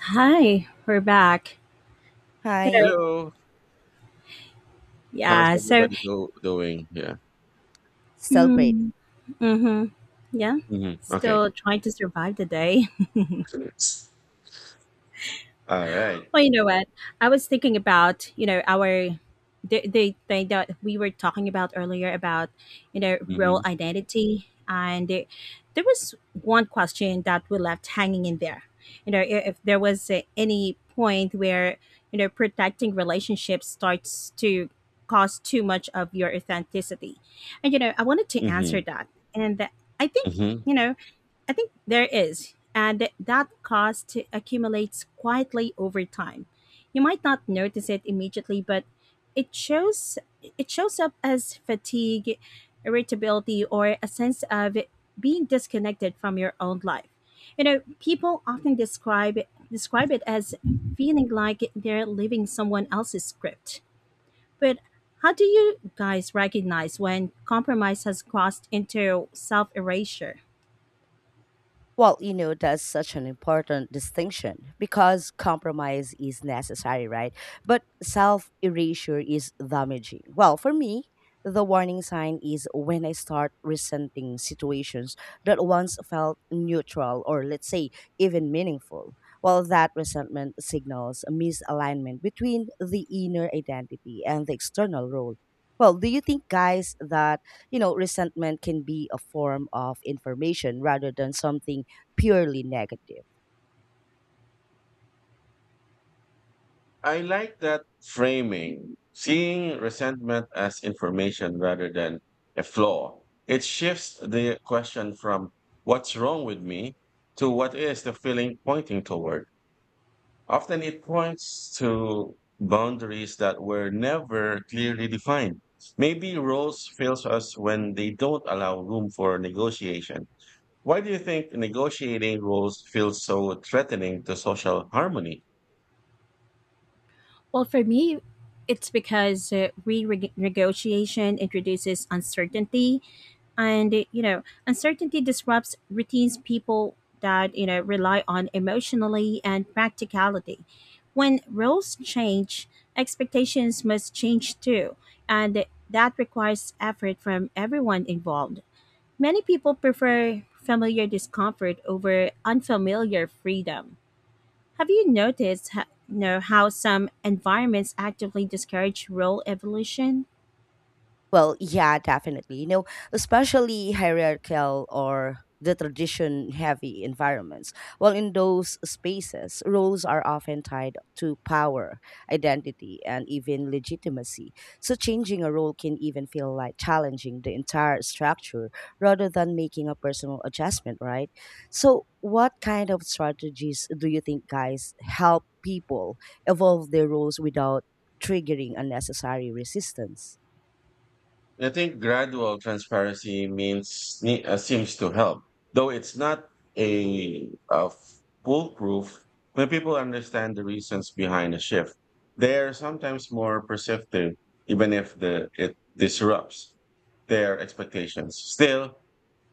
Hi, we're back. You know, Hi. Hello. How's yeah. Everybody go doing? Yeah. Still great. mm, hmm yeah, Hmm. Okay. still trying to survive the day. All right. Well, you know what? I was thinking about, the thing that we were talking about earlier about, role Mm-hmm. identity. And there was one question that we left hanging in there. You know, i- if there was any point where, protecting relationships starts to cause too much of your authenticity. And, you know, I wanted to answer Mm-hmm. that. And I think, Mm-hmm. you know, I think there is, and that cost accumulates quietly over time. You might not notice it immediately, but it shows it shows up as fatigue, irritability, or a sense of being disconnected from your own life. You know, people often describe it as feeling like they're living someone else's script. But how do you guys recognize when compromise has crossed into self erasure? Well, that's such an important distinction because compromise is necessary, right? But self erasure is damaging. Well, for me, the warning sign is when I start resenting situations that once felt neutral or, let's say, even meaningful. Well, that resentment signals a misalignment between the inner identity and the external role. Well, do you think, guys, that you know resentment can be a form of information rather than something purely negative. I like that framing. Seeing resentment as information rather than a flaw. It shifts the question from what's wrong with me to what is the feeling pointing toward. Often it points to boundaries that were never clearly defined. Maybe rules fails us when they don't allow room for negotiation. Why do you think negotiating rules feels so threatening to social harmony? Well, for me, it's because renegotiation introduces uncertainty, and you know, uncertainty disrupts routines people that you know rely on emotionally and practicality. When roles change, expectations must change too, and that requires effort from everyone involved. Many people prefer familiar discomfort over unfamiliar freedom. Have you noticed ho- You know, how some environments actively discourage role evolution? Well, yeah, definitely. You know, especially hierarchical or the tradition heavy environments. Well, in those spaces, roles are often tied to power, identity, and even legitimacy. So, changing a role can even feel like challenging the entire structure rather than making a personal adjustment, right? So, what kind of strategies do you think guys help people evolve their roles without triggering unnecessary resistance? I think gradual transparency seems to help, though it's not a foolproof. When people understand the reasons behind a shift, they are sometimes more perceptive, even if the it disrupts their expectations. Still,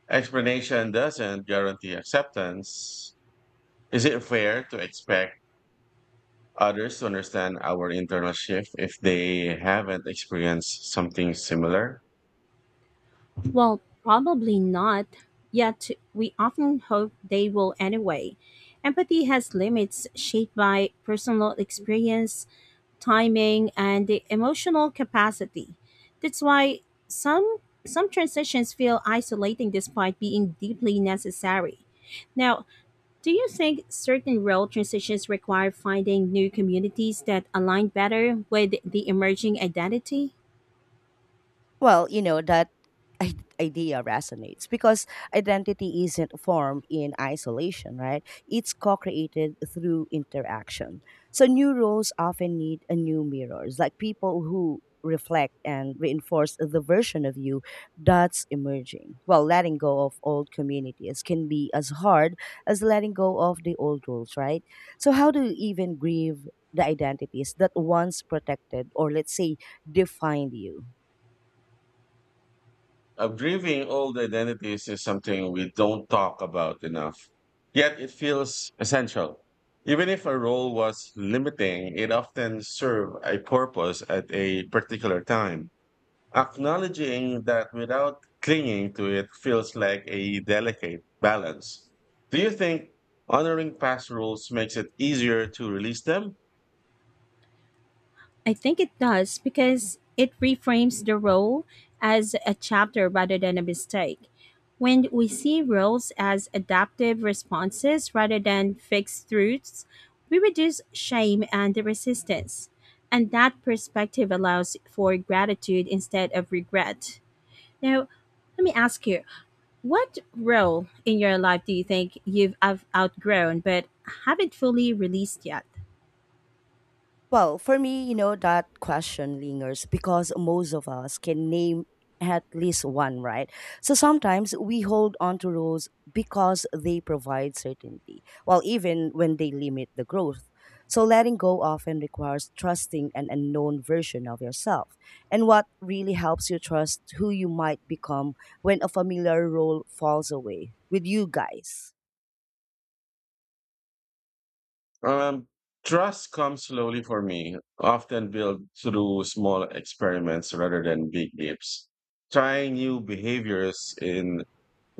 explanation doesn't guarantee acceptance. Is it fair to expect others to understand our internal shift if they haven't experienced something similar? Well, probably not, yet we often hope they will anyway. Empathy has limits shaped by personal experience, timing, and the emotional capacity. That's why some some transitions feel isolating despite being deeply necessary. Now, do you think certain role transitions require finding new communities that align better with the emerging identity? Well, that i- idea resonates because identity isn't formed in isolation, right? It's co created through interaction. So, new roles often need a new mirrors, like people who reflect and reinforce the version of you that's emerging. Well, letting go of old communities can be as hard as letting go of the old rules, right? So, how do you even grieve the identities that once protected or, let's say, defined you? Grieving old identities is something we don't talk about enough, yet it feels essential. Even if a role was limiting, it often served a purpose at a particular time. Acknowledging that without clinging to it feels like a delicate balance. Do you think honoring past roles makes it easier to release them? I think it does because it reframes the role as a chapter rather than a mistake. When we see roles as adaptive responses rather than fixed truths, we reduce shame and resistance. And that perspective allows for gratitude instead of regret. Now, let me ask you: what role in your life do you think you've outgrown but haven't fully released yet? Well, for me, that question lingers because most of us can name at least one, right? So sometimes we hold on to roles because they provide certainty, well, even when they limit the growth. So letting go often requires trusting an unknown version of yourself. And what really helps you trust who you might become when a familiar role falls away with you guys? Um, Trust comes slowly for me, often built through small experiments rather than big leaps. Trying new behaviors in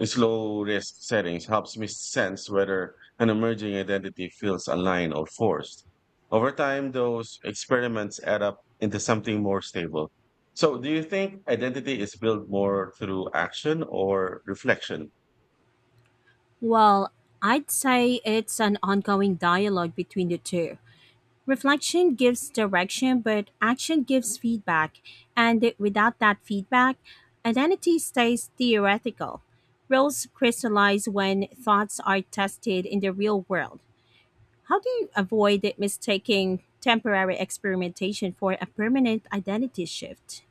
slow risk settings helps me sense whether an emerging identity feels aligned or forced. Over time, those experiments add up into something more stable. So, do you think identity is built more through action or reflection? Well, I'd say it's an ongoing dialogue between the two. Reflection gives direction, but action gives feedback. And without that feedback, identity stays theoretical. Roles crystallize when thoughts are tested in the real world. How do you avoid it mistaking temporary experimentation for a permanent identity shift?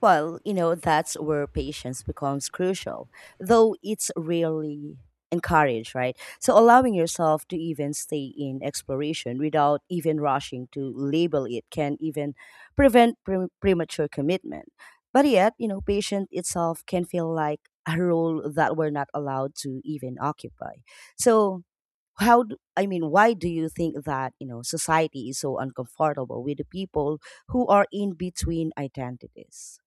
Well, that's where patience becomes crucial, though it's rarely encouraged, right? So allowing yourself to even stay in exploration without even rushing to label it can even prevent premature commitment. But yet, patience itself can feel like a role that we're not allowed to even occupy. So, I mean, why do you think that, society is so uncomfortable with the people who are in between identities?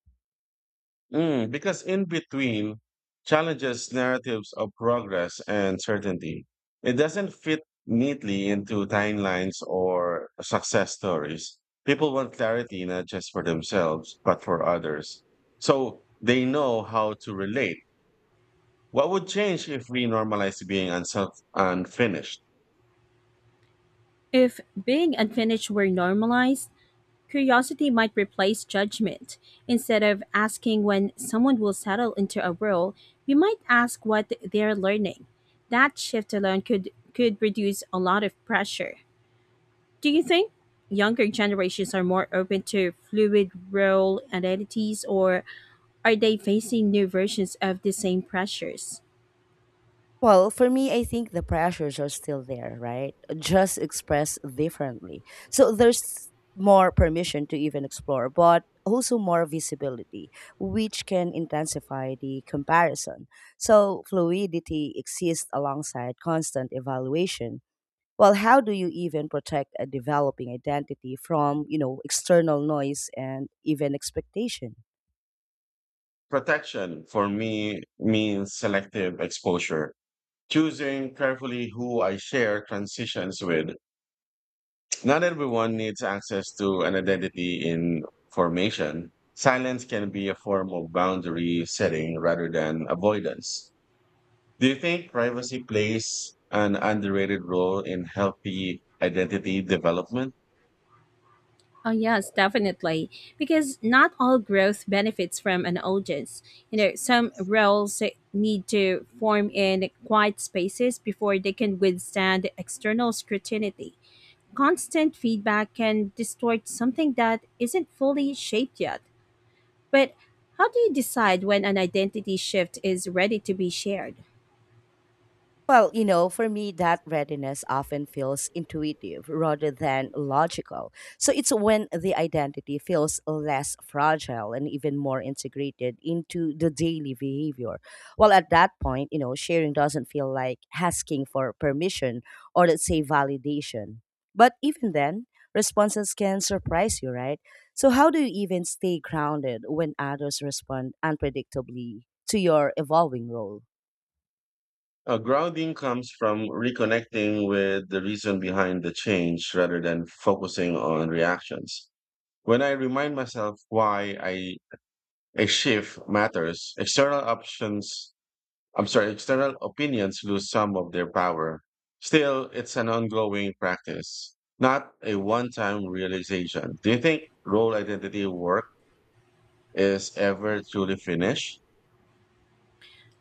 Mm, because in between challenges narratives of progress and certainty. It doesn't fit neatly into timelines or success stories. People want clarity not just for themselves, but for others. So they know how to relate. What would change if we normalize being unself unfinished? If being unfinished were normalized, curiosity might replace judgment. Instead of asking when someone will settle into a role, we might ask what they're learning. That shift alone could reduce a lot of pressure. Do you think younger generations are more open to fluid role identities, or are they facing new versions of the same pressures? Well, for me, I think the pressures are still there, right? Just expressed differently. So there's more permission to even explore, but also more visibility, which can intensify the comparison. So fluidity exists alongside constant evaluation. Well, how do you even protect a developing identity from, external noise and even expectation? Protection for me means selective exposure. Choosing carefully who I share transitions with. Not everyone needs access to an identity in formation. Silence can be a form of boundary setting rather than avoidance. Do you think privacy plays an underrated role in healthy identity development? Oh, yes, definitely. Because not all growth benefits from an audience. You know, some roles need to form in quiet spaces before they can withstand external scrutiny. Constant feedback can distort something that isn't fully shaped yet. But how do you decide when an identity shift is ready to be shared? Well, for me, that readiness often feels intuitive rather than logical. So it's when the identity feels less fragile and even more integrated into the daily behavior. Well, at that point, sharing doesn't feel like asking for permission or let's say validation. But even then, responses can surprise you, right? So, how do you even stay grounded when others respond unpredictably to your evolving role? Grounding comes from reconnecting with the reason behind the change rather than focusing on reactions. When I remind myself why I a shift matters, external options, I'm sorry, external opinions lose some of their power. Still, it's an ongoing practice, not a one time realization. Do you think role identity work is ever truly finished?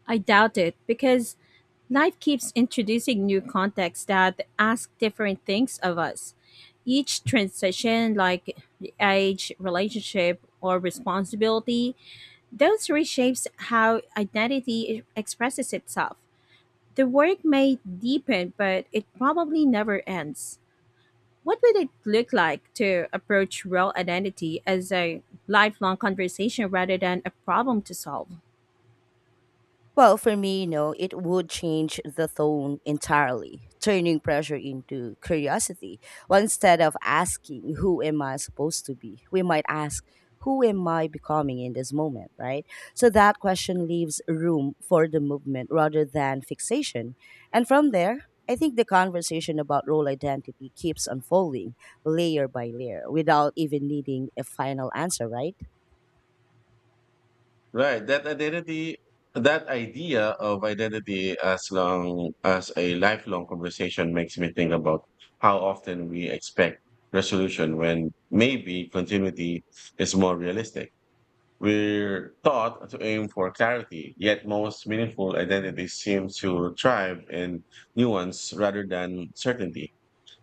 I doubt it, because life keeps introducing new contexts that ask different things of us. Each transition, like age, relationship, or responsibility, those reshapes how identity expresses itself. The work may deepen, but it probably never ends. What would it look like to approach real identity as a lifelong conversation rather than a problem to solve? Well, for me, it would change the tone entirely, turning pressure into curiosity. Well, instead of asking, who am I supposed to be? We might ask, who am I becoming in this moment, right? So that question leaves room for the movement rather than fixation. And from there, I think the conversation about role identity keeps unfolding layer by layer without even needing a final answer, right? Right, that identity, that idea of identity as long as a lifelong conversation makes me think about how often we expect resolution when maybe continuity is more realistic. We're taught to aim for clarity, yet most meaningful identities seem to thrive in nuance rather than certainty.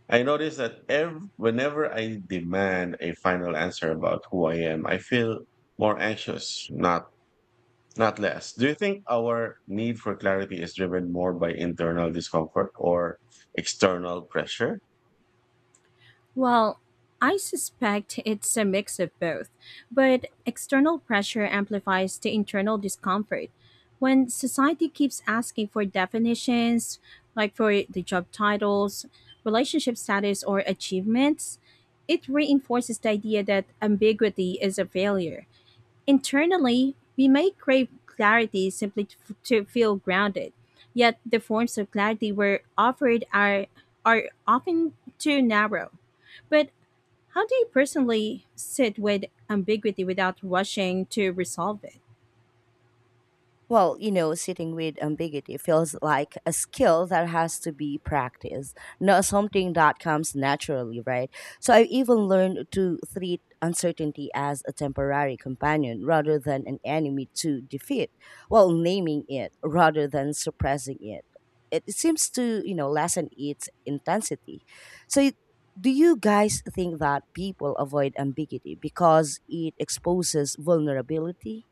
I notice that ev- Whenever I demand a final answer about who I am, I feel more anxious, not less. Do you think our need for clarity is driven more by internal discomfort or external pressure? Well, I suspect it's a mix of both, but external pressure amplifies the internal discomfort. When society keeps asking for definitions, like for the job titles, relationship status, or achievements, it reinforces the idea that ambiguity is a failure. Internally, we may crave clarity simply to feel grounded, yet the forms of clarity we're offered are often too narrow. But how do you personally sit with ambiguity without rushing to resolve it? Well, sitting with ambiguity feels like a skill that has to be practiced, not something that comes naturally, right? So I've even learned to treat uncertainty as a temporary companion rather than an enemy to defeat, while naming it rather than suppressing it. It seems to, lessen its intensity. So do you guys think that people avoid ambiguity because it exposes vulnerability?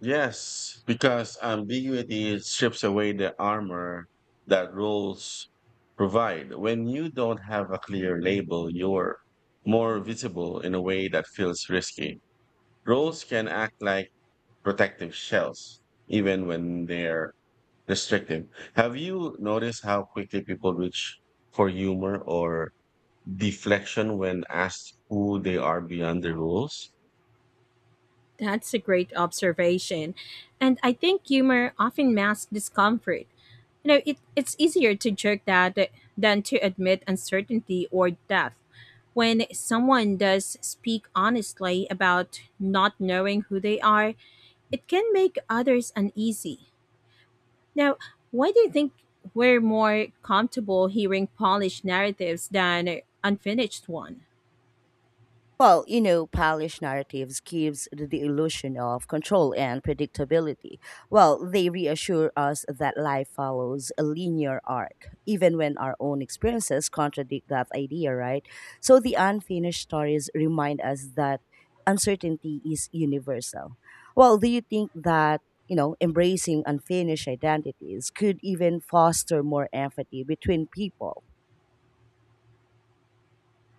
Yes, because ambiguity strips away the armor that rules provide. When you don't have a clear label, you're more visible in a way that feels risky. Rules can act like protective shells, even when they're restrictive. Have you noticed how quickly people reach for humor or deflection when asked who they are beyond the rules? That's a great observation. And I think humor often masks discomfort. It's easier to joke that than to admit uncertainty or death. When someone does speak honestly about not knowing who they are, it can make others uneasy. Now, why do you think we're more comfortable hearing polished narratives than unfinished one? Well, polished narratives gives the illusion of control and predictability. Well, they reassure us that life follows a linear arc, even when our own experiences contradict that idea, right? So the unfinished stories remind us that uncertainty is universal. Well, do you think that, embracing unfinished identities could even foster more empathy between people?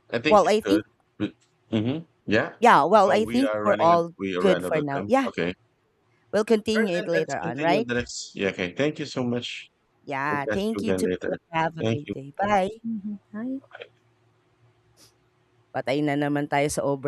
I think Well, it I think could. Mm, mhm, yeah. yeah, well, Oh, I we think are we're running out all we are Good running out for of now. time. Yeah, Okay. we'll All right, continue it then let's later on, continue right? the next. Yeah, okay. Thank you so much. We'll Yeah, catch you thank you again too. later. Have a Thank great you. day. Bye. Mhm. Hi. Bye. Patay na naman tayo sa over.